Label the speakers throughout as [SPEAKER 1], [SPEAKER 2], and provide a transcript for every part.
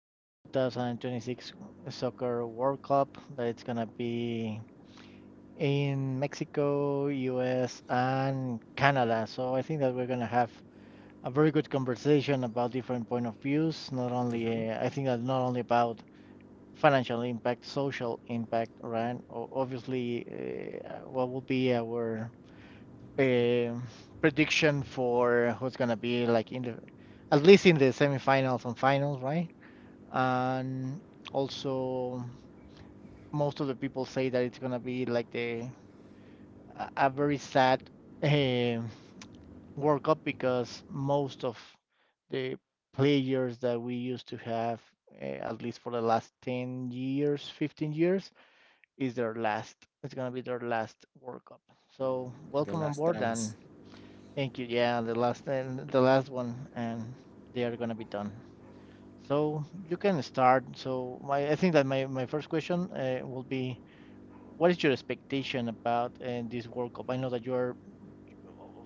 [SPEAKER 1] 2026 Soccer World Cup that it's gonna be in Mexico, US, and Canada. So I think that we're gonna have a very good conversation about different point of views. Not
[SPEAKER 2] Mm-hmm.
[SPEAKER 1] only I think that not only about financial impact, social impact, right? Obviously, what will be our a prediction for who's gonna be like in the at least in the semifinals and finals, right? And also, most of the people say that it's gonna be like the a very sad uh, World Cup because most of the players that we used to have, at least for the last 10 years, 15 years, is their last. It's gonna be their last World Cup. So
[SPEAKER 2] The
[SPEAKER 1] welcome on
[SPEAKER 2] Last
[SPEAKER 1] board. And
[SPEAKER 2] Dance.
[SPEAKER 1] thank you. Yeah, the last and the last one, and they are gonna be done. So you can start. So I think that my first question will be, what is your expectation about this World Cup? I know that you're,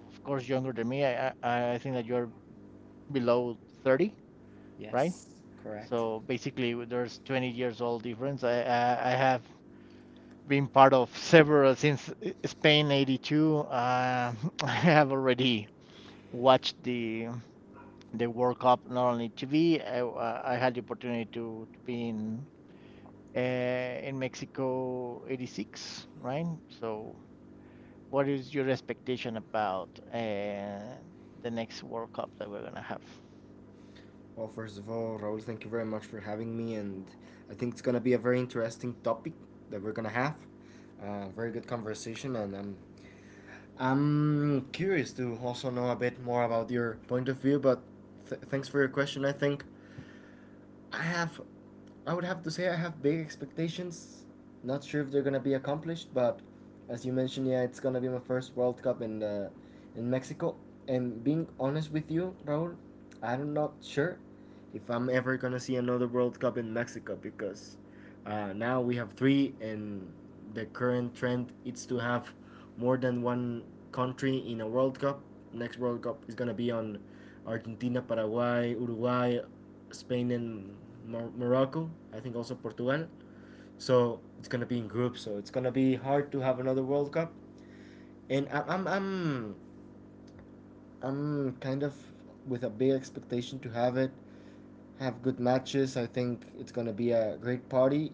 [SPEAKER 1] of course, younger than me. I think that you're below 30, right?
[SPEAKER 2] Yes, correct.
[SPEAKER 1] So basically, there's 20 years old difference. I have been part of several since Spain 82. I have already watched the World Cup, not only TV. I had the opportunity to be in Mexico '86, right? So, what is your expectation about the next World Cup that we're gonna have?
[SPEAKER 2] Well, first of all, Raul, thank you very much for having me, and I think it's gonna be a very interesting topic that we're gonna have. Very good conversation, and I'm curious to also know a bit more about your point of view. But thanks for your question. I have, I would have to say I have big expectations. Not sure if they're gonna be accomplished, but as you mentioned, yeah, it's gonna be my first World Cup in the, in Mexico. And being honest with you, Raúl, I'm not sure if I'm ever gonna see another World Cup in Mexico because now we have three, and the current trend is to have more than one country in a World Cup. Next World Cup is gonna be on Argentina, Paraguay, Uruguay, Spain and Morocco. I think also Portugal. So it's gonna be in groups. So it's gonna be hard to have another World Cup. And I'm kind of with a big expectation to have it. Have good matches. I think it's gonna be a great party.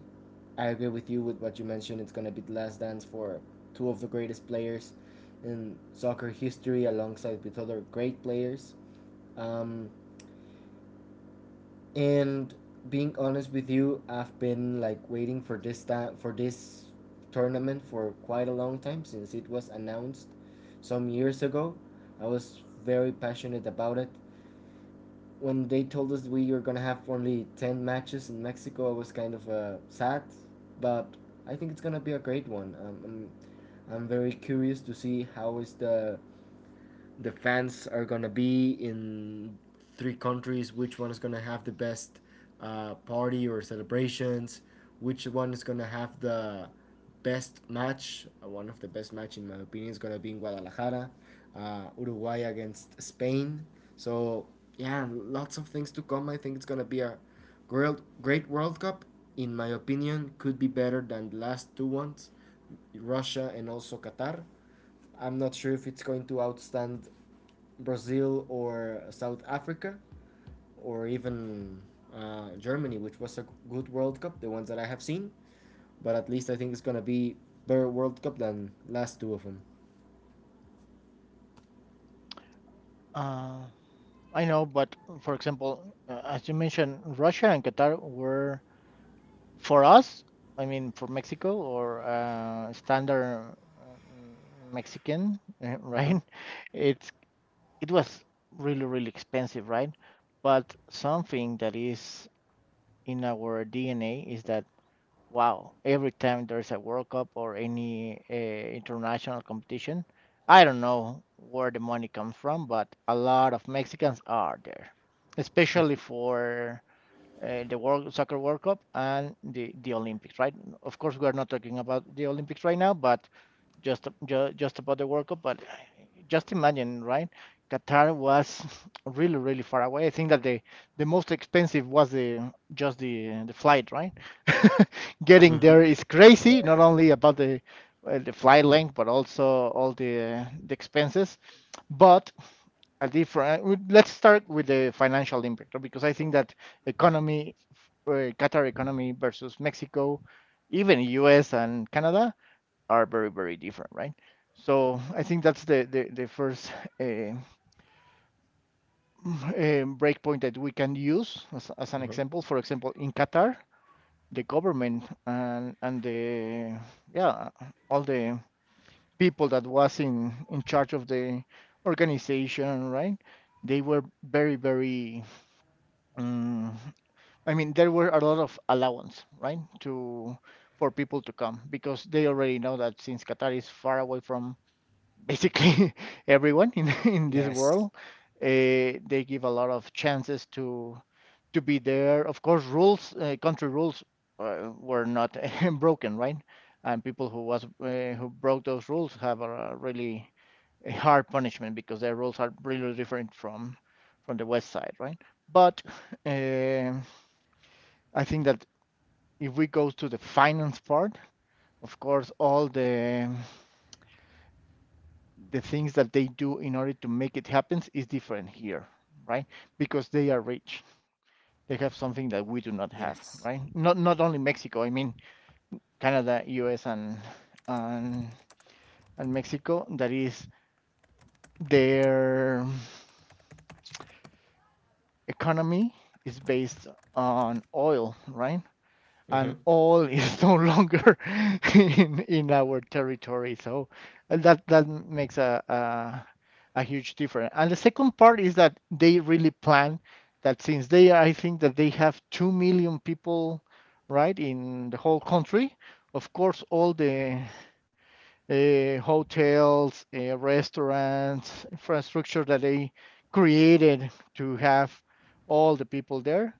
[SPEAKER 2] I agree with you with what you mentioned. It's gonna be the last dance for two of the greatest players in soccer history, alongside with other great players. Um, and being honest with you, I've been like waiting for this time for this tournament for quite a long time since it was announced some years ago. I was very passionate about it. When they told us we were gonna have only ten matches in Mexico, I was kind of sad, but I think it's gonna be a great one. I'm very curious to see how is the fans are gonna be in three countries, which one is gonna have the best party or celebrations, which one is gonna have the best match. One of the best match, in my opinion, is gonna be in Guadalajara, Uruguay against Spain. So yeah, lots of things to come. I think it's gonna be a great, great World Cup. In my opinion, could be better than the last two ones, Russia and also Qatar. I'm not sure if it's going to outstand Brazil or South Africa or even Germany, which was a good World Cup, the ones that I have seen. But at least I think it's going to be better World Cup than last two of them.
[SPEAKER 1] Uh, I know, but for example, as you mentioned, Russia and Qatar were for us. I mean, for Mexico or standard Mexican,
[SPEAKER 2] Mm-hmm.
[SPEAKER 1] right? It's it was really really expensive, right? But something that is in our DNA is that, wow, every time there's a World Cup or any international competition, I don't know where the money comes from, but a lot of Mexicans are there, especially for the world Soccer World Cup and the Olympics, right? Of course, we are not talking about the Olympics right now, but just about the World Cup. But just imagine, right? Qatar was really really far away. I think that the most expensive was the just the flight, right? Getting
[SPEAKER 2] Mm-hmm.
[SPEAKER 1] there is crazy,
[SPEAKER 2] Yeah.
[SPEAKER 1] not only about the flight length, but also all the expenses. But a different. Let's start with the financial impact, right? Because I think that economy, Qatar economy versus Mexico, even US and Canada, are very very different, right? So I think that's the first uh, breakpoint that we can use as an
[SPEAKER 2] Mm-hmm.
[SPEAKER 1] example. For example, in Qatar, the government and the, yeah, all the people that was in charge of the organization, right, they were very very um, I mean, there were a lot of allowance, right, to for people to come because they already know that since Qatar is far away from basically everyone in this
[SPEAKER 2] Yes.
[SPEAKER 1] world. They give a lot of chances to be there. Of course, rules, country rules, were not broken, right? And people who was who broke those rules have a really a hard punishment because their rules are really different from the west side, right? But um I think that if we go to the finance part, of course, all the things that they do in order to make it happen is different here, right? Because they are rich. They have something that we do not
[SPEAKER 2] Yes.
[SPEAKER 1] have, right? Not only Mexico, I mean Canada, US, and and Mexico, that is their economy is based on oil, right? And
[SPEAKER 2] Mm-hmm.
[SPEAKER 1] all is no longer in our territory. So that makes a huge difference. And the second part is that they really plan that, since they, I think that they have 2 million people, right, in the whole country. Of course, all the hotels, restaurants, infrastructure that they created to have all the people there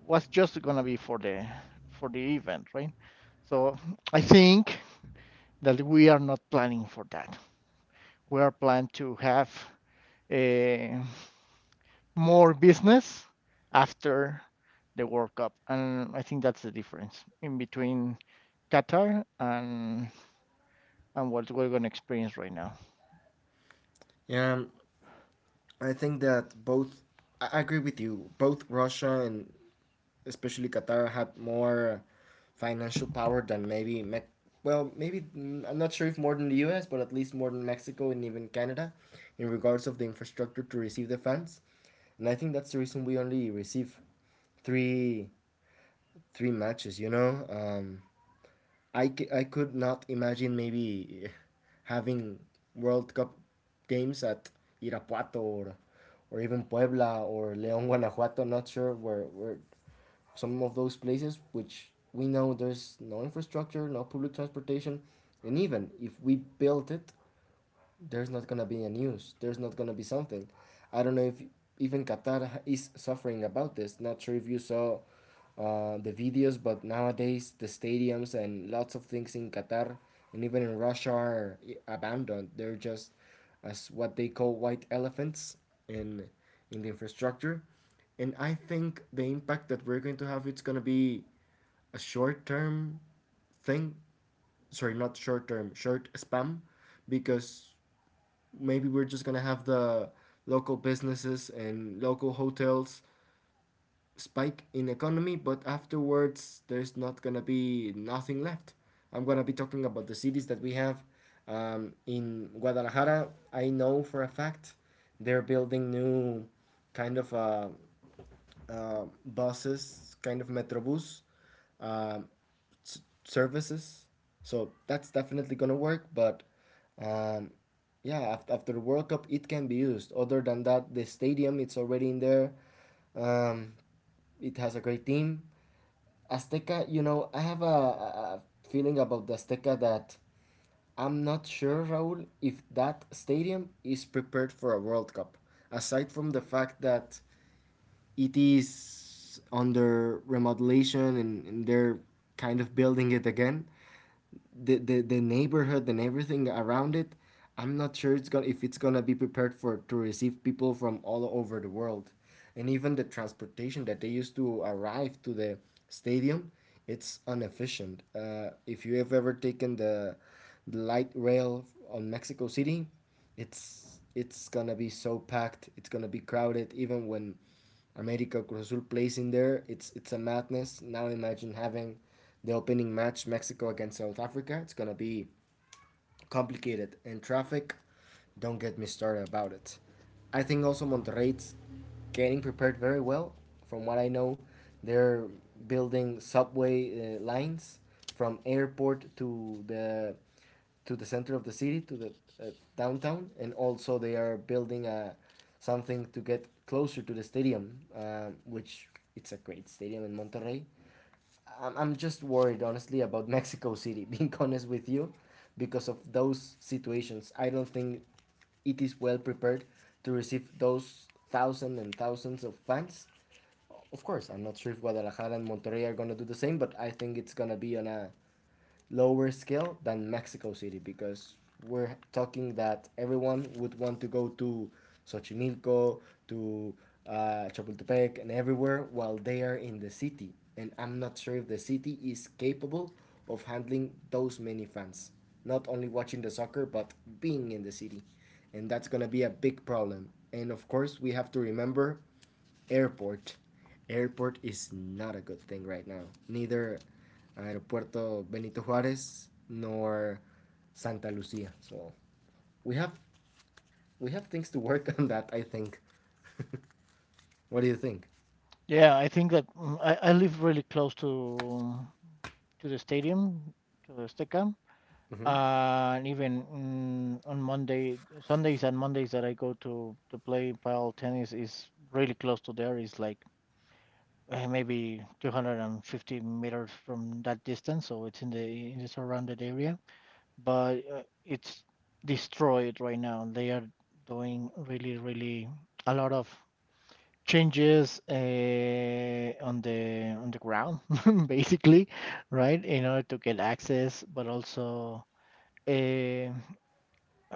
[SPEAKER 1] was just gonna be for the event, right? So I think that we are not planning for that. We are planned to have uh, more business after the World Cup, and I think that's the difference in between Qatar and what we're gonna experience right now.
[SPEAKER 2] Yeah, I think that both. I agree with you. Both Russia and especially Qatar had more financial power than maybe well maybe I'm not sure if more than the US but at least more than Mexico and even Canada in regards of the infrastructure to receive the fans and I think that's the reason we only receive three three matches. I could not imagine maybe having World Cup games at Irapuato or even Puebla or León, Guanajuato, not sure where some of those places, which we know there's no infrastructure, no public transportation, and even if we built it, there's not gonna be a news. There's not gonna be something. I don't know if even Qatar is suffering about this. Not sure if you saw the videos, but nowadays the stadiums and lots of things in Qatar and even in Russia are abandoned. They're just as what they call white elephants in in the infrastructure. And I think the impact that we're going to have it's gonna be a short term thing. Sorry, not short term, short spam, because maybe we're just gonna have the local businesses and local hotels spike in economy, but afterwards there's not gonna be nothing left. I'm gonna be talking about the cities that we have in Guadalajara. I know for a fact they're building new kind of a buses, kind of metrobus um, services. So that's definitely gonna work. But um, yeah, after, after the World Cup, it can be used. Other than that, the stadium it's already in there. Um, it has a great team. Azteca, I have a feeling about the Azteca that I'm not sure, Raul, if that stadium is prepared for a World Cup. Aside from the fact that it is under remodelation and they're kind of building it again. The neighborhood and everything around it, I'm not sure it's gonna if it's gonna be prepared for to receive people from all over the world. And even the transportation that they used to arrive to the stadium, it's inefficient. If you have ever taken the light rail on Mexico City, it's gonna be so packed. It's gonna be crowded. Even when América Cruz Azul plays in there. It's a madness. Now imagine having the opening match Mexico against South Africa. It's gonna be complicated, and traffic, don't get me started about it. I think also Monterrey's getting prepared very well. From what I know, they're building subway lines from airport to the center of the city to the uh, downtown, and also they are building a something to get closer to the stadium, which it's a great stadium in Monterrey. I'm just worried, honestly, about Mexico City, being honest with you, because of those situations. I don't think it is well prepared to receive those thousands and thousands of fans. Of course, I'm not sure if Guadalajara and Monterrey are going to do the same, but I think it's going to be on a lower scale than Mexico City because we're talking that everyone would want to go to Xochimilco, to Chapultepec, and everywhere while they are in the city. And I'm not sure if the city is capable of handling those many fans. Not only watching the soccer, but being in the city. And that's going to be a big problem. And of course, we have to remember Airport. Airport is not a good thing right now. Neither Aeropuerto Benito Juarez nor Santa Lucia. So we have we have things to work on that. I think. What do you think?
[SPEAKER 1] Yeah, I think that I live really close to the stadium, to the Azteca.
[SPEAKER 2] Hmm.
[SPEAKER 1] And even on Sundays and Mondays that I go to play pile tennis is really close to there. It's like maybe 250 meters from that distance, so it's in the surrounded area. But it's destroyed right now. They are doing really, really a lot of changes on the ground basically, right, in order to get access. But also uh,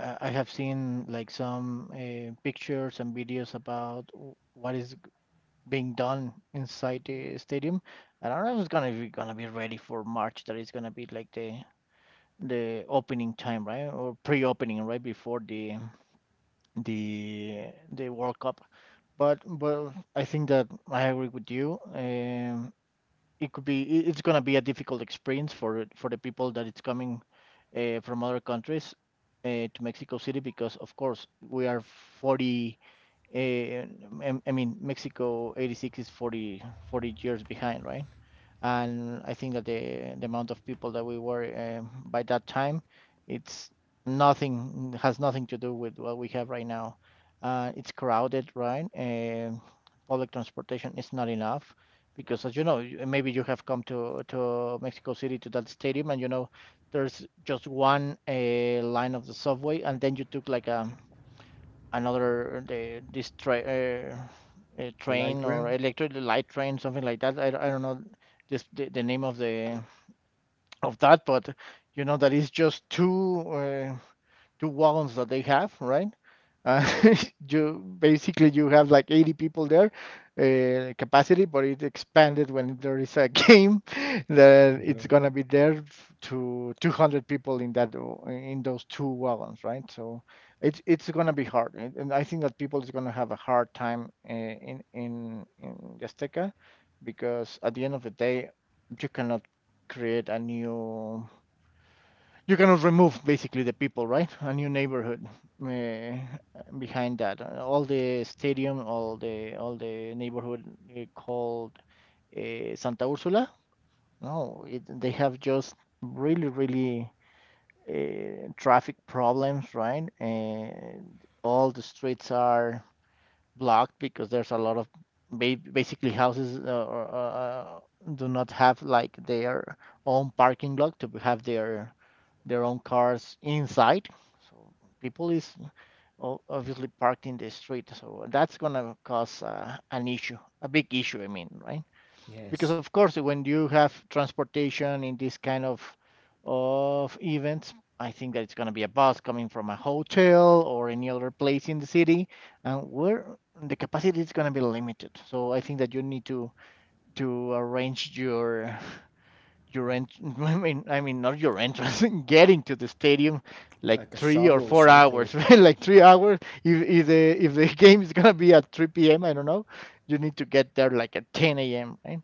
[SPEAKER 1] I have seen like some pictures and videos about what is being done inside the stadium. I don't know if it's gonna be ready for March, that is gonna be like the opening time, right, or pre-opening, right, before the World Cup. But I think that I agree with you. It could be it's gonna be a difficult experience for the people that it's coming from other countries to Mexico City, because of course we are 40, uh, I mean Mexico 86 is forty years behind, right? And I think that the amount of people that we were by that time, it's nothing has nothing to do with what we have right now. It's crowded, right? Public transportation is not enough because, as you know, maybe you have come to Mexico City to that stadium, and you know there's just one line of the subway, and then you took like a another
[SPEAKER 2] The light
[SPEAKER 1] train or
[SPEAKER 2] rail.
[SPEAKER 1] electric light train, something like that. I don't know this the name of the of that, but you know that is just two wagons that they have, right? Uh, you basically you have like 80 people there capacity, but it expanded when there is a game that
[SPEAKER 2] Hmm.
[SPEAKER 1] it's gonna be there to 200 people in that in those two wagons, right? So it's gonna be hard, and I think that people is gonna have a hard time in the Azteca because at the end of the day, you cannot create a new you cannot remove basically the people, right? A new neighborhood uh, behind that. All the stadium, all the neighborhood called Santa Ursula. No, they have just really, really traffic problems, right? And all the streets are blocked because there's a lot of basically houses, or, do not have like their own parking lot to have their own cars inside. So people is obviously parked in the street. So that's gonna cause an issue, a big issue, I mean, right? Because
[SPEAKER 2] Yes,
[SPEAKER 1] of course when you have transportation in this kind of events, I think that it's going to be a bus coming from a hotel or any other place in the city, and where the capacity is going to be limited. So I think that you need to arrange your I mean, not your entrance, getting to the stadium like
[SPEAKER 2] like a
[SPEAKER 1] three or
[SPEAKER 2] shuttle or
[SPEAKER 1] four
[SPEAKER 2] something.
[SPEAKER 1] hours right, like 3 hours. If the game is going to be at 3 p.m., I don't know, you need to get there like at 10 a.m., right?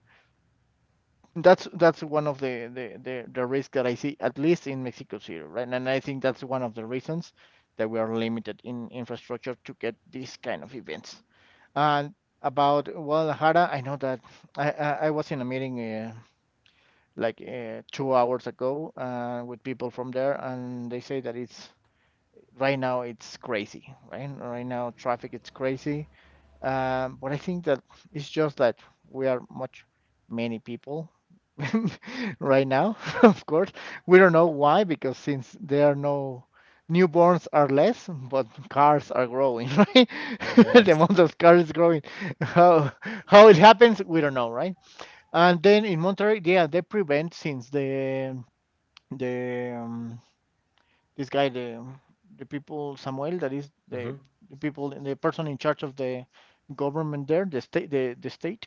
[SPEAKER 1] That's one of the risk that I see, at least in Mexico City, right? And I think that's one of the reasons that we are limited in infrastructure to get these kind of events. And about Guadalajara, I know that I was in a meeting, like 2 hours ago, with people from there, and they say that it's right now it's crazy, right? Right now traffic it's crazy, but I think that it's just that we are much many people right now, of course. We don't know why, because since there are no newborns are less, but cars are growing, right? The
[SPEAKER 2] Yes.
[SPEAKER 1] amount of cars is growing. How how it happens, we don't know, right? And then in Monterrey, yeah, they prevent since the this guy the people Samuel that is
[SPEAKER 2] Hmm.
[SPEAKER 1] the people, the person in charge of the government there, the state, the state.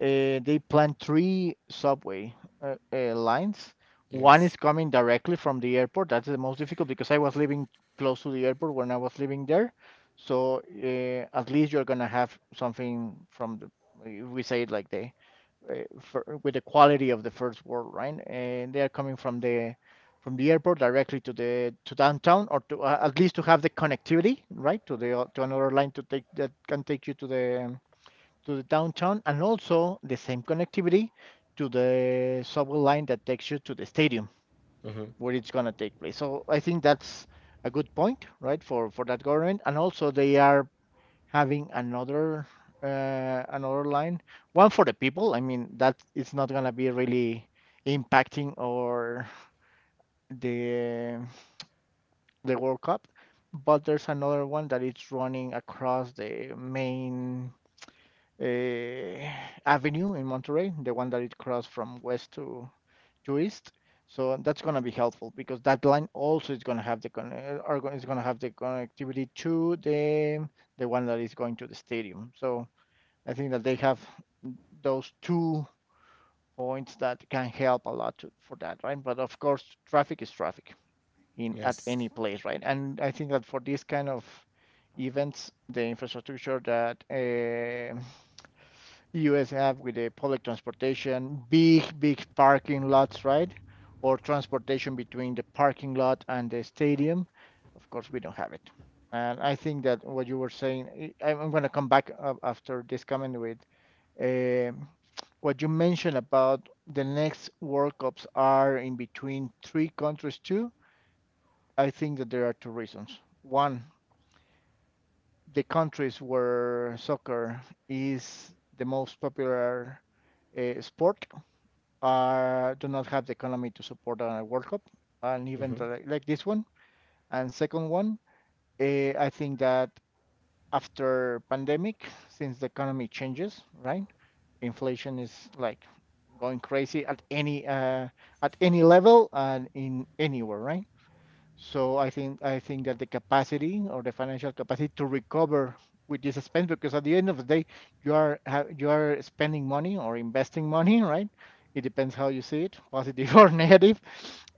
[SPEAKER 1] They plan three subway lines. One
[SPEAKER 2] Yes.
[SPEAKER 1] is coming directly from the airport. That's the most difficult because I was living close to the airport when I was living there, so at least you're gonna have something from the, if we say it like the uh, for, with the quality of the first world, right? And they are coming from the, from the airport directly to the, to downtown, or to, at least to have the connectivity, right, to the, to another line to take, that can take you to the, to the downtown, and also the same connectivity to the subway line that takes you to the stadium,
[SPEAKER 2] Hmm.
[SPEAKER 1] where it's gonna take place. So I think that's a good point, right, for that government. And also they are having another another line, one for the people. I mean, that it's not gonna be really impacting or the the World Cup, but there's another one that it's running across the main uh, avenue in Monterey, the one that it crossed from west to east. So that's gonna be helpful because that line also is gonna have the is gonna have the connectivity to the one that is going to the stadium. So I think that they have those two points that can help a lot to, for that, right? But of course, traffic is traffic in, at
[SPEAKER 2] Yes.
[SPEAKER 1] any place, right? And I think that for this kind of events, the infrastructure that US have with the public transportation, big, big parking lots, right? Or transportation between the parking lot and the stadium. Of course, we don't have it. And I think that what you were saying, am going to come back after this comment with um what you mentioned about the next World Cups are in between three countries too. I think that there are two reasons. One, the countries where soccer is the most popular sport do not have the economy to support a World Cup, and even
[SPEAKER 2] Hmm.
[SPEAKER 1] like this one. And second one, I think that after pandemic, since the economy changes, right? Inflation is like going crazy at any level and in anywhere, right? So I think that the capacity or the financial capacity to recover with this expense, because at the end of the day, you are you are spending money or investing money, right? It depends how you see it, positive or negative,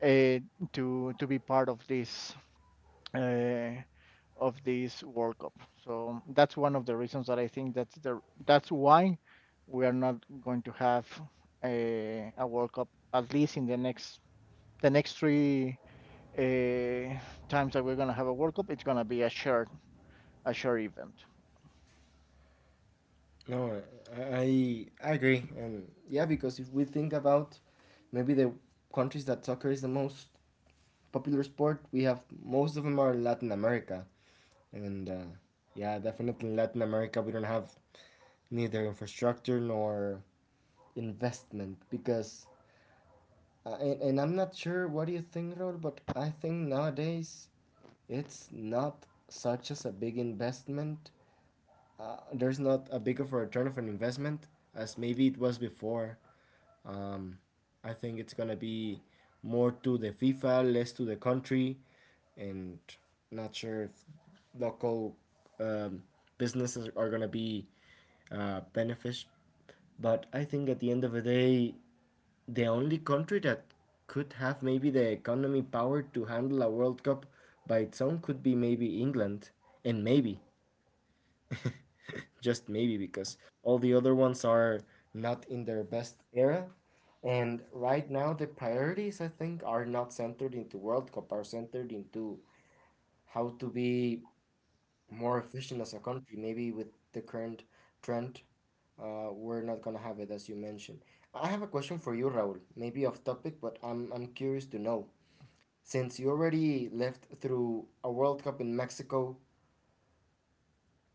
[SPEAKER 1] uh, to be part uh, of this World Cup. So that's one of the reasons that I think that's the, that's why we are not going to have a World Cup at least in the next three uh, times that we're gonna have a World Cup, it's gonna be a short, a short event.
[SPEAKER 2] No, I agree, and yeah, because if we think about maybe the countries that soccer is the most popular sport, we have most of them are in Latin America, and yeah, definitely in Latin America we don't have neither infrastructure nor investment because, and I'm not sure what do you think, Raul, but I think nowadays it's not such as a big investment. There's not a big of a return of an investment as maybe it was before. Um, I think it's gonna be more to the FIFA, less to the country, and not sure if local um, businesses are gonna be benefit. But I think at the end of the day, the only country that could have maybe the economy power to handle a World Cup by its own could be maybe England, and maybe just maybe because all the other ones are not in their best era. And right now, the priorities, I think, are not centered into World Cup, are centered into how to be more efficient as a country. Maybe with the current trend, we're not going to have it, as you mentioned. I have a question for you, Raul. Maybe off topic, but I'm curious to know. Since you already lived through a World Cup in Mexico,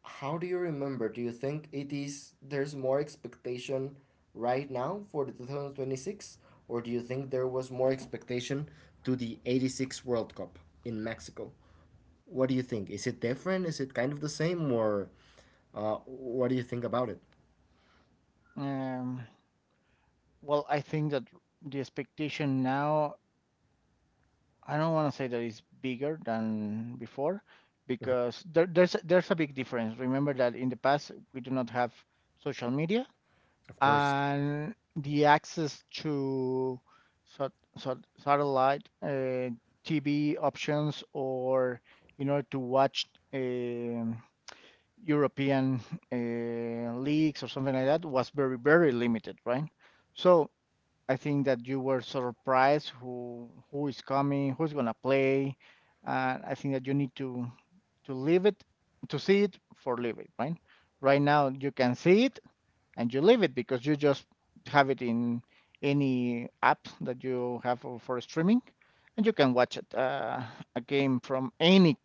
[SPEAKER 2] how do you remember? Do you think it is there's more expectation right now for the 2026 or do you think there was more expectation to the 86 World Cup in Mexico? What do you think? Is it different? Is it kind of the same or what do you think about it?
[SPEAKER 1] Um, well, I think that the expectation now, I don't want to say that it's bigger than before, because there's a big difference. Remember that in the past we do not have social media
[SPEAKER 2] Of course.
[SPEAKER 1] and the access to satellite TV options or in order to watch um European leagues or something like that, was very, very limited, right? So I think that you were surprised who is coming, who's gonna play. I think that you need to live it, to see it for live it, right? Right now you can see it and you leave it because you just have it in any app that you have for streaming, and you can watch it a game from any,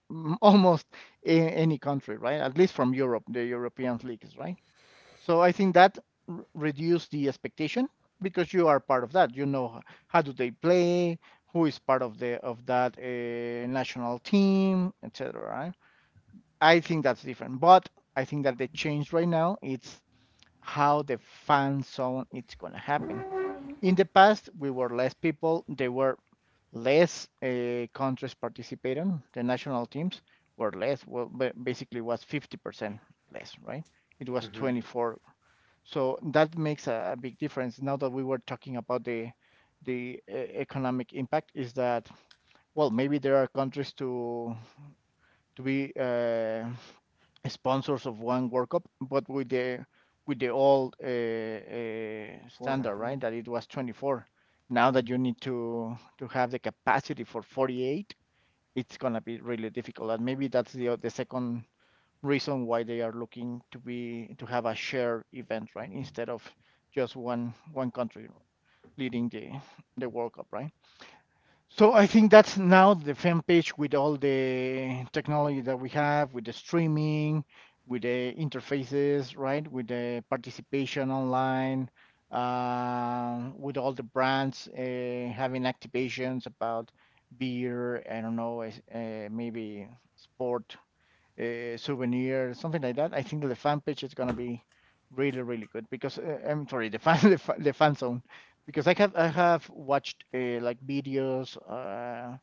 [SPEAKER 1] almost any country, right? At least from Europe, the European leagues, right? So I think that reduce the expectation because you are part of that, you know how do they play, who is part of the of that national team, etc. Right? I think that's different, but I think that the change right now it's how the fan zone it's gonna happen. In the past, we were less people. There were less countries participating. The national teams were less. Well, basically, was 50% less, right? It was 24. So that makes a big difference. Now that we were talking about the economic impact, is that, well, maybe there are countries to be sponsors of one World Cup, but with the, with the old standard, right? That it was 24. Now that you
[SPEAKER 2] Hmm.
[SPEAKER 1] need to have the capacity for 48, it's gonna be really difficult. And maybe that's the second reason why they are looking to be, to have a shared event, right? Instead of just one country leading the World Cup, right? So I think that's now, the fan page with all the technology that we have, with the streaming, with the interfaces, right? With the participation online, with all the brands having activations about beer, I don't know, maybe sport souvenir, something like that, I think that the fan page is gonna be really, really good because, I'm sorry, the fan, the fan zone, because I have watched like videos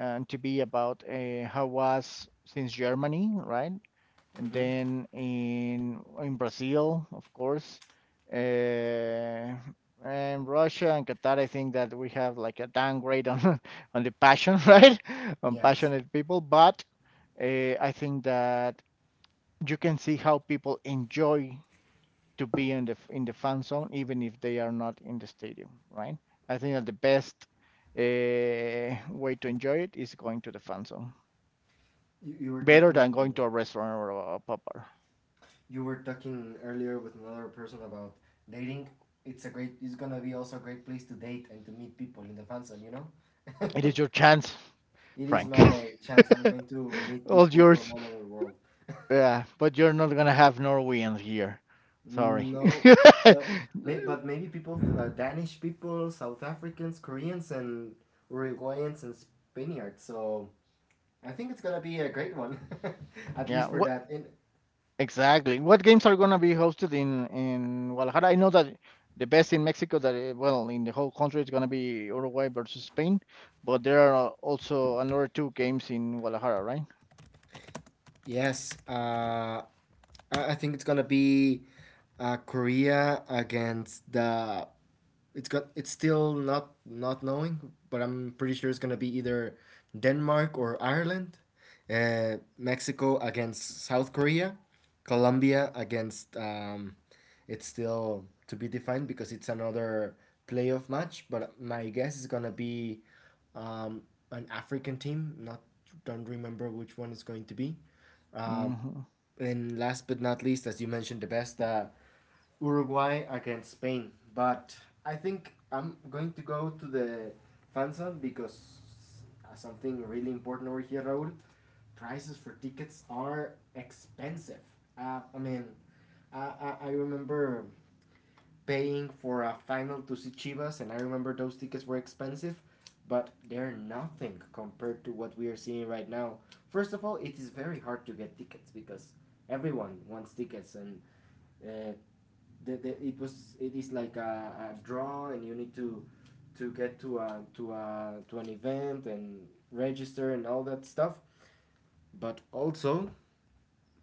[SPEAKER 1] on TV about how was since Germany, right? And then in Brazil, of course, uh, and Russia and Qatar. I think that we have like a downgrade on on the passion, right? On
[SPEAKER 2] Yes.
[SPEAKER 1] passionate people, but I think that you can see how people enjoy to be in the, in the fan zone, even if they are not in the stadium, right? I think that the best way to enjoy it is going to the fan zone,
[SPEAKER 2] You,
[SPEAKER 1] better than going to a restaurant or a pub bar.
[SPEAKER 2] you were talking earlier with another person about dating. It's a great it's gonna be also a great place to date and to meet people in the fan zone, you know?
[SPEAKER 1] It is your chance,
[SPEAKER 2] It is
[SPEAKER 1] Frank.
[SPEAKER 2] my chance. I'm going to meet
[SPEAKER 1] All
[SPEAKER 2] people from
[SPEAKER 1] yours.
[SPEAKER 2] all over the world.
[SPEAKER 1] Yeah, but you're not gonna have Norwegians here. Sorry.
[SPEAKER 2] No, well, but maybe people, Danish people, South Africans, Koreans, and Uruguayans and Spaniards. So I think it's gonna be a great one, at
[SPEAKER 1] Yeah.
[SPEAKER 2] least for
[SPEAKER 1] What?
[SPEAKER 2] that. In
[SPEAKER 1] Exactly. What games are gonna be hosted in Guadalajara? I know that the best in Mexico, that, well, in the whole country, is gonna be Uruguay versus Spain, but there are also another two games in Guadalajara, right?
[SPEAKER 2] Yes, I think it's gonna be Korea against the. It's got. It's still not knowing, but I'm pretty sure it's gonna be either Denmark or Ireland, Mexico against South Korea, Colombia against. It's still to be defined because it's another playoff match. But my guess is gonna be um, an African team. Not Don't remember which one it's going to be. Uh,
[SPEAKER 1] Hmm.
[SPEAKER 2] and last but not least, as you mentioned, the best Uruguay against Spain. But I think I'm going to go to the fan zone because something really important over here, Raul. Prices for tickets are expensive. Uh, I mean, I remember paying for a final to see Chivas, and I remember those tickets were expensive, but they're nothing compared to what we are seeing right now. First of all, it is very hard to get tickets because everyone wants tickets, and uh, it is like a draw, and you need to get to a to an event and register and all that stuff. But also,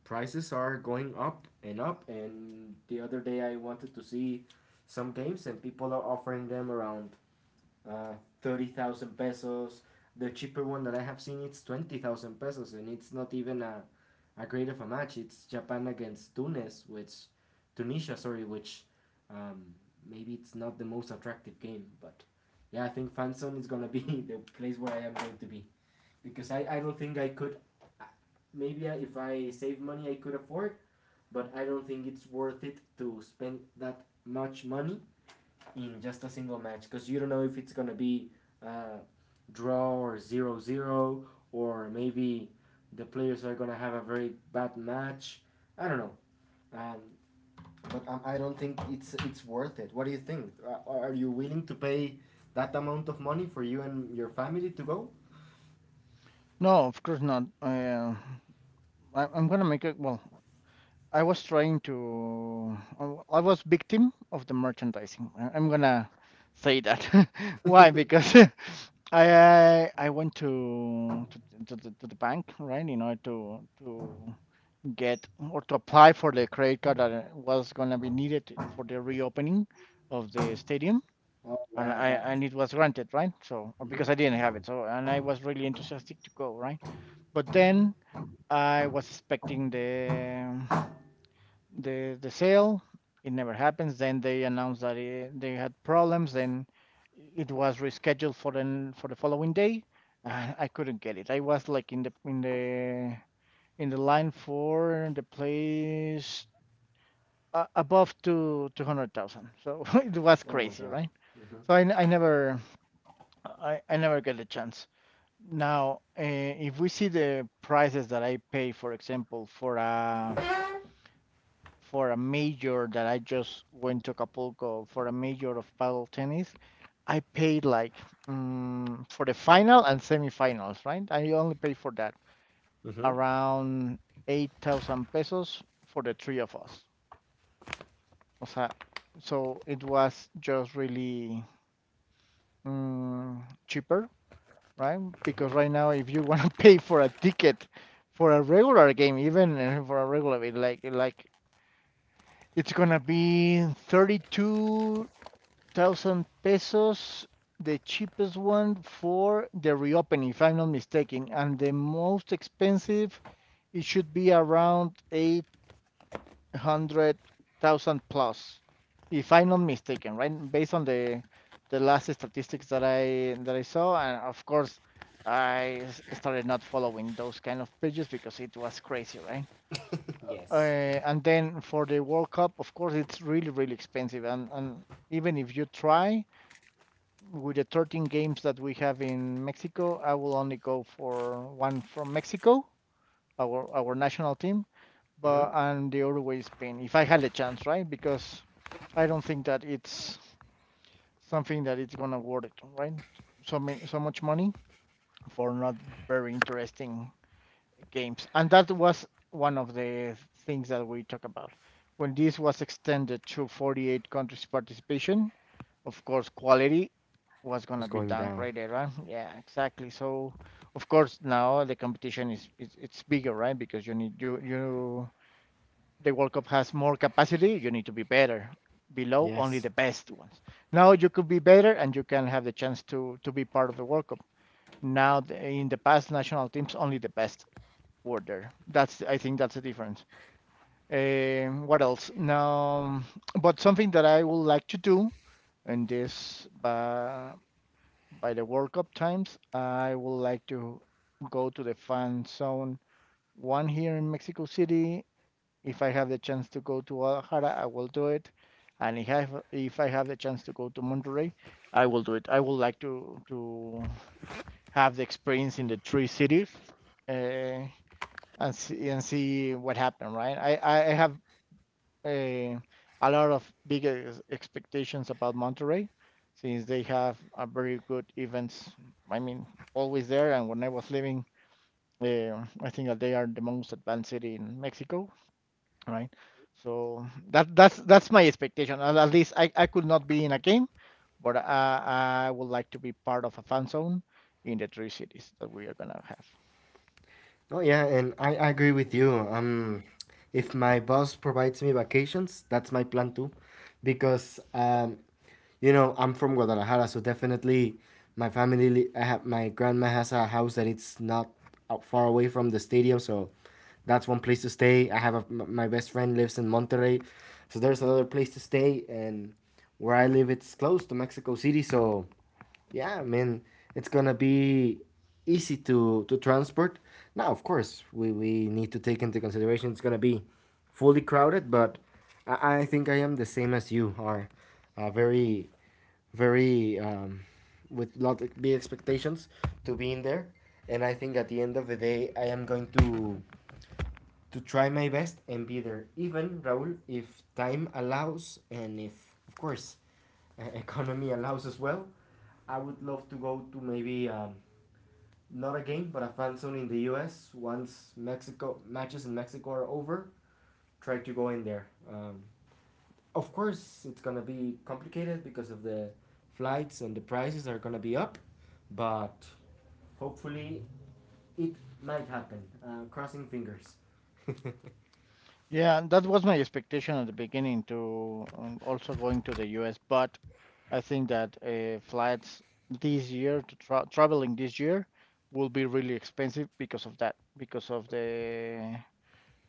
[SPEAKER 2] prices are going up and up. And the other day I wanted to see some games, and people are offering them around uh, 30,000 pesos. The cheaper one that I have seen it's 20,000 pesos, and it's not even a great of a match. It's Japan against Tunis, which Tunisia, sorry, which um, maybe it's not the most attractive game, but yeah, I think Fanzone is gonna be the place where I am going to be because I don't think I could. uh, Maybe if I save money, I could afford but I don't think it's worth it to spend that much money in just a single match because you don't know if it's gonna be uh, draw or zero zero or maybe the players are gonna have a very bad match. I don't know. Um, but I don't think it's worth it. What do you think? You willing to pay that amount of money for you and your family to go?
[SPEAKER 1] No, of course not. I'm gonna make it. Well, I was trying to. I was victim of the merchandising, I'm gonna say that. Why?
[SPEAKER 2] Oh
[SPEAKER 1] Because I went to the, to the bank, right? You know, to get or to apply for the credit card that was gonna be needed for the reopening of the stadium, and
[SPEAKER 2] yeah,
[SPEAKER 1] I
[SPEAKER 2] that.
[SPEAKER 1] and it was granted, right? So because I
[SPEAKER 2] Hmm.
[SPEAKER 1] didn't have it. So, and I was really enthusiastic to go, right? But then I was expecting the the sale. It never happens. Then they announced that it, they had problems. Then it was rescheduled for the, for the following day. I couldn't get it. I was like in the in the, in the line for the place above to 200,000. So it was
[SPEAKER 2] Oh my
[SPEAKER 1] crazy,
[SPEAKER 2] god.
[SPEAKER 1] right?
[SPEAKER 2] Hmm.
[SPEAKER 1] So I never, I never get a chance. Now, if we see the prices that I pay, for example, for a, for a major, that I just went to Acapulco for a major of paddle tennis, I paid like for the final and semifinals, right? I only paid for that
[SPEAKER 2] Mm-hmm.
[SPEAKER 1] around 8,000 pesos for the three of us. O sea, so it was just really mm, cheaper, right? Because right now, if you want to pay for a ticket for a regular game, even, for a regular, it like it's gonna be 32 thousand pesos, the cheapest one for the reopening, if I'm not mistaken, and the most expensive, it should be around 800,000 plus, if I'm not mistaken, right? Based on the last statistics that I saw, and of course, I started not following those kind of pages because it was crazy, right?
[SPEAKER 2] Yes.
[SPEAKER 1] And then for the World Cup, of course, it's really, really expensive, and even if you try with the 13 games that we have in Mexico, I will only go for one from Mexico, our national team,
[SPEAKER 2] Mm-hmm.
[SPEAKER 1] but, and the other way is Spain. If I had a chance, right? Because I don't think that it's something that it's gonna worth it, right? So many, so much money for not very interesting games. And that was one of the things that we talked about. When this was extended to 48 countries participation, of course, quality was going
[SPEAKER 2] Who's
[SPEAKER 1] to be
[SPEAKER 2] going down?
[SPEAKER 1] downgraded, right? Yeah, exactly. So, of course, now the competition is it's bigger, right? Because you need you you the World Cup has more capacity. You need to be better. Below only
[SPEAKER 2] Yes.
[SPEAKER 1] the best ones. Now you could be better, and you can have the chance to be part of the World Cup. Now the, in the past national teams, only the best. Order. That's, I think that's the difference. What else? Now, but something that I would like to do, in this by the World Cup times, I would like to go to the fan zone. One here in Mexico City. If I have the chance to go to Guadalajara, I will do it. And if I have the chance to go to Monterrey, I will do it. I would like to have the experience in the three cities. Uh, and see what happened, right? I have a a lot of big expectations about Monterrey, since they have a very good events. I mean, always there. And when I was living there, I think that they are the most advanced city in Mexico, right? So that's my expectation. At least I could not be in a game, but I would like to be part of a fan zone in the three cities that we are gonna have.
[SPEAKER 2] Oh yeah, and I agree with you. If my boss provides me vacations, that's my plan too, because I'm from Guadalajara, so definitely my family. I have my grandma has a house that it's not out far away from the stadium, so that's one place to stay. I have my best friend lives in Monterrey, so there's another place to stay, and where I live, it's close to Mexico City, so yeah, I mean, it's gonna be easy to transport. Now, of course, we need to take into consideration it's gonna be fully crowded, but I think I am the same as you are, uh, very, very with lot of big expectations to be in there, and I think at the end of the day I am going to try my best and be there, even Raul, if time allows and if, of course, economy allows as well. I would love to go to maybe not a game, but a fan zone in the U.S. Once Mexico matches in Mexico are over, try to go in there. Of course, it's gonna be complicated because of the flights and the prices are gonna be up, but hopefully it might happen. Crossing fingers.
[SPEAKER 1] Yeah, and that was my expectation at the beginning to also going to the US, but I think that flights this year to traveling this year will be really expensive because of that, because of the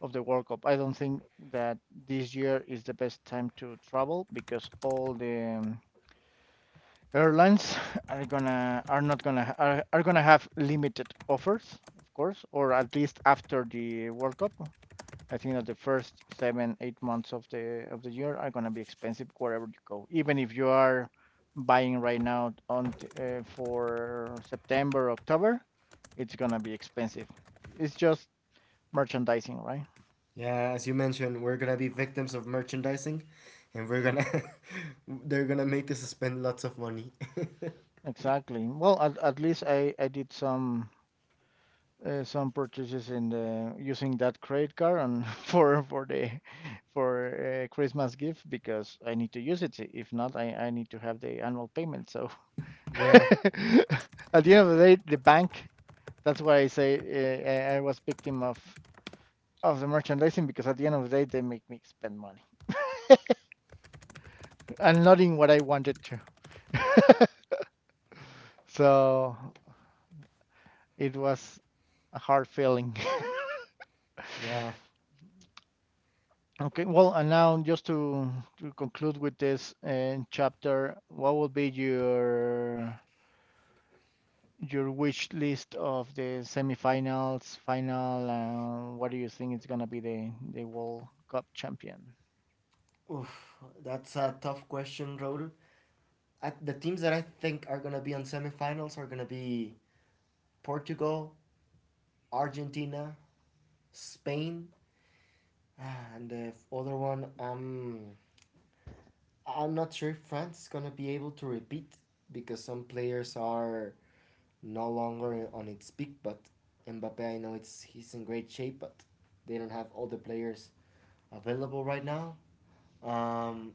[SPEAKER 1] World Cup. I don't think that this year is the best time to travel because all the airlines are not gonna ha- are gonna have limited offers, of course, or at least after the World Cup. I think that the first seven, 8 months of the year are gonna be expensive wherever you go. Even if you are buying right now for September, October, it's gonna be expensive. It's just merchandising, right?
[SPEAKER 2] Yeah, as you mentioned, we're gonna be victims of merchandising, and we're gonna they're gonna make us spend lots of money.
[SPEAKER 1] Exactly. Well, at least I did some purchases in the using that credit card and for the for Christmas gift because I need to use it. If not, I need to have the annual payment. So
[SPEAKER 2] Yeah,
[SPEAKER 1] at the end of the day, the bank. That's why I say I- was victim of the merchandising because at the end of the day, they make me spend money and not in what I wanted to. So it was a hard feeling.
[SPEAKER 2] yeah.
[SPEAKER 1] Okay, well, and now just to conclude with this chapter, what would be your wish list of the semifinals, final, and what do you think is gonna be the World Cup champion?
[SPEAKER 2] Oof, that's a tough question, Raul. At the teams that I think are gonna be on semifinals are gonna be Portugal, Argentina, Spain, ah, and the other one. I'm not sure if France is gonna be able to repeat because some players are no longer on its peak, but Mbappe, I know it's he's in great shape, but they don't have all the players available right now. Um,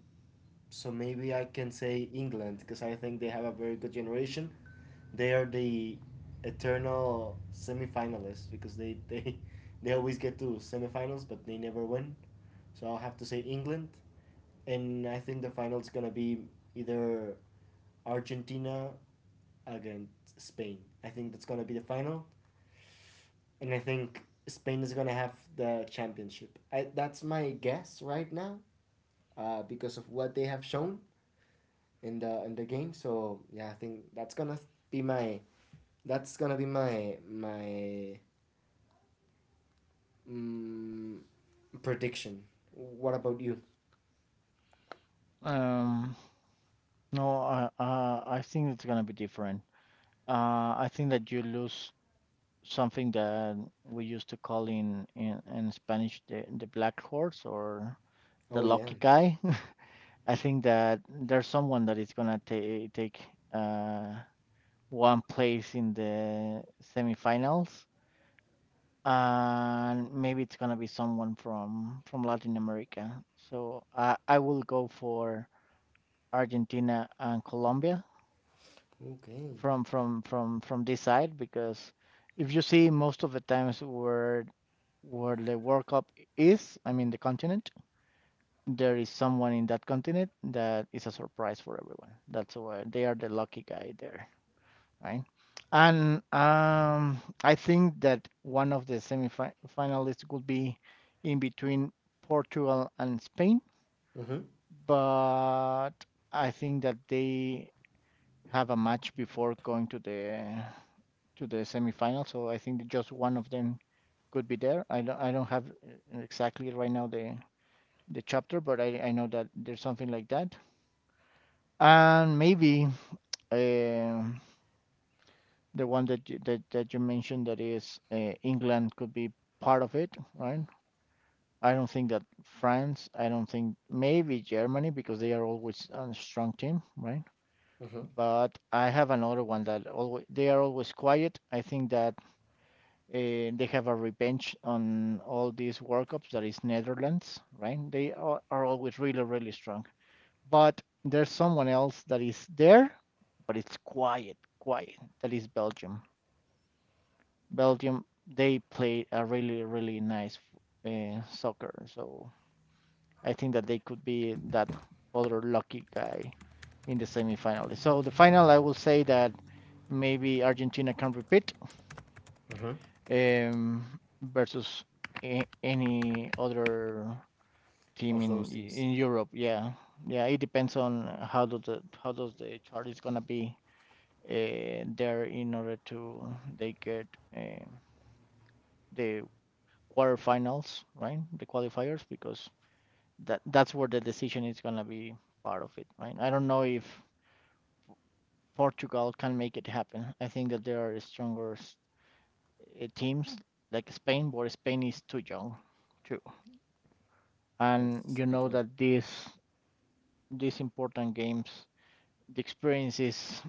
[SPEAKER 2] so maybe I can say England because I think they have a very good generation. They are the eternal semifinalists because they they always get to semifinals, but they never win. So I'll have to say England, and I think the final's gonna be either Argentina against Spain. I think that's gonna be the final and I think Spain is gonna have the championship. That's my guess right now, because of what they have shown in the game. So yeah, I think that's gonna be my that's gonna be my mm, prediction. What about you?
[SPEAKER 1] Um, no, I think it's gonna be different. I think that you lose something that we used to call in Spanish the black horse or the
[SPEAKER 2] Oh yeah.
[SPEAKER 1] lucky guy. I think that there's someone that is gonna ta take uh one place in the semifinals, and maybe it's gonna be someone from Latin America. So I will go for Argentina and Colombia.
[SPEAKER 2] Okay.
[SPEAKER 1] From this side because if you see most of the times where the World Cup is, I mean the continent, there is someone in that continent that is a surprise for everyone. That's why they are the lucky guy there, right? And I think that one of the semifinalists could be in between Portugal and Spain,
[SPEAKER 2] Mhm.
[SPEAKER 1] but I think that they have a match before going to the semifinal. So I think just one of them could be there. I don't have exactly right now the chapter, but I know that there's something like that. And maybe um the one that that you mentioned that is England could be part of it, right? I don't think that France. I don't think maybe Germany because they are always a strong team, right?
[SPEAKER 2] Mhm.
[SPEAKER 1] But I have another one that always they are always quiet. I think that they have a revenge on all these World Cups that is Netherlands, right? Are always really, really strong. But there's someone else that is there, but it's quiet, quiet. That is Belgium. Belgium, they play a really, really nice soccer. So I think that they could be that other lucky guy in the semifinal. So the final, I will say that maybe Argentina can repeat,
[SPEAKER 2] Mhm.
[SPEAKER 1] um, versus any other team
[SPEAKER 2] Of
[SPEAKER 1] in
[SPEAKER 2] those teams,
[SPEAKER 1] Europe. Yeah, yeah. It depends on how does the chart is gonna be there in order to they get uh, the quarterfinals, right? The qualifiers because that's where the decision is gonna be part of it, right? I don't know if Portugal can make it happen. I think that there are stronger teams like Spain, but Spain is too young. Too. And
[SPEAKER 2] that's
[SPEAKER 1] you
[SPEAKER 2] a good
[SPEAKER 1] know
[SPEAKER 2] one.
[SPEAKER 1] that these important games, the experience is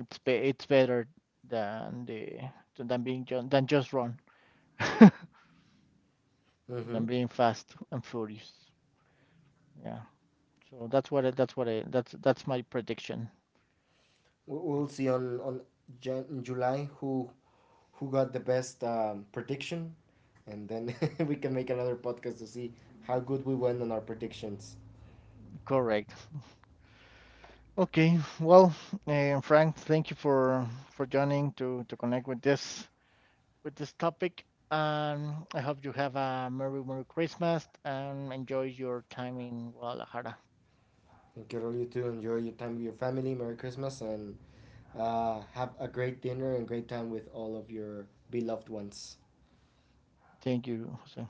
[SPEAKER 1] it's better than the than being than just run,
[SPEAKER 2] Mhm.
[SPEAKER 1] than being fast and furious. Yeah. So that's what I that's my prediction.
[SPEAKER 2] We'll see on in July who got the best prediction, and then we can make another podcast to see how good we went on our predictions.
[SPEAKER 1] Correct. Okay. Well, Frank, thank you for joining to connect with this topic. I hope you have a merry merry Christmas and enjoy your time in Guadalajara.
[SPEAKER 2] Thank you all, you too. Enjoy your time with your family. Merry Christmas and have a great dinner and great time with all of your beloved ones.
[SPEAKER 1] Thank you, Jose.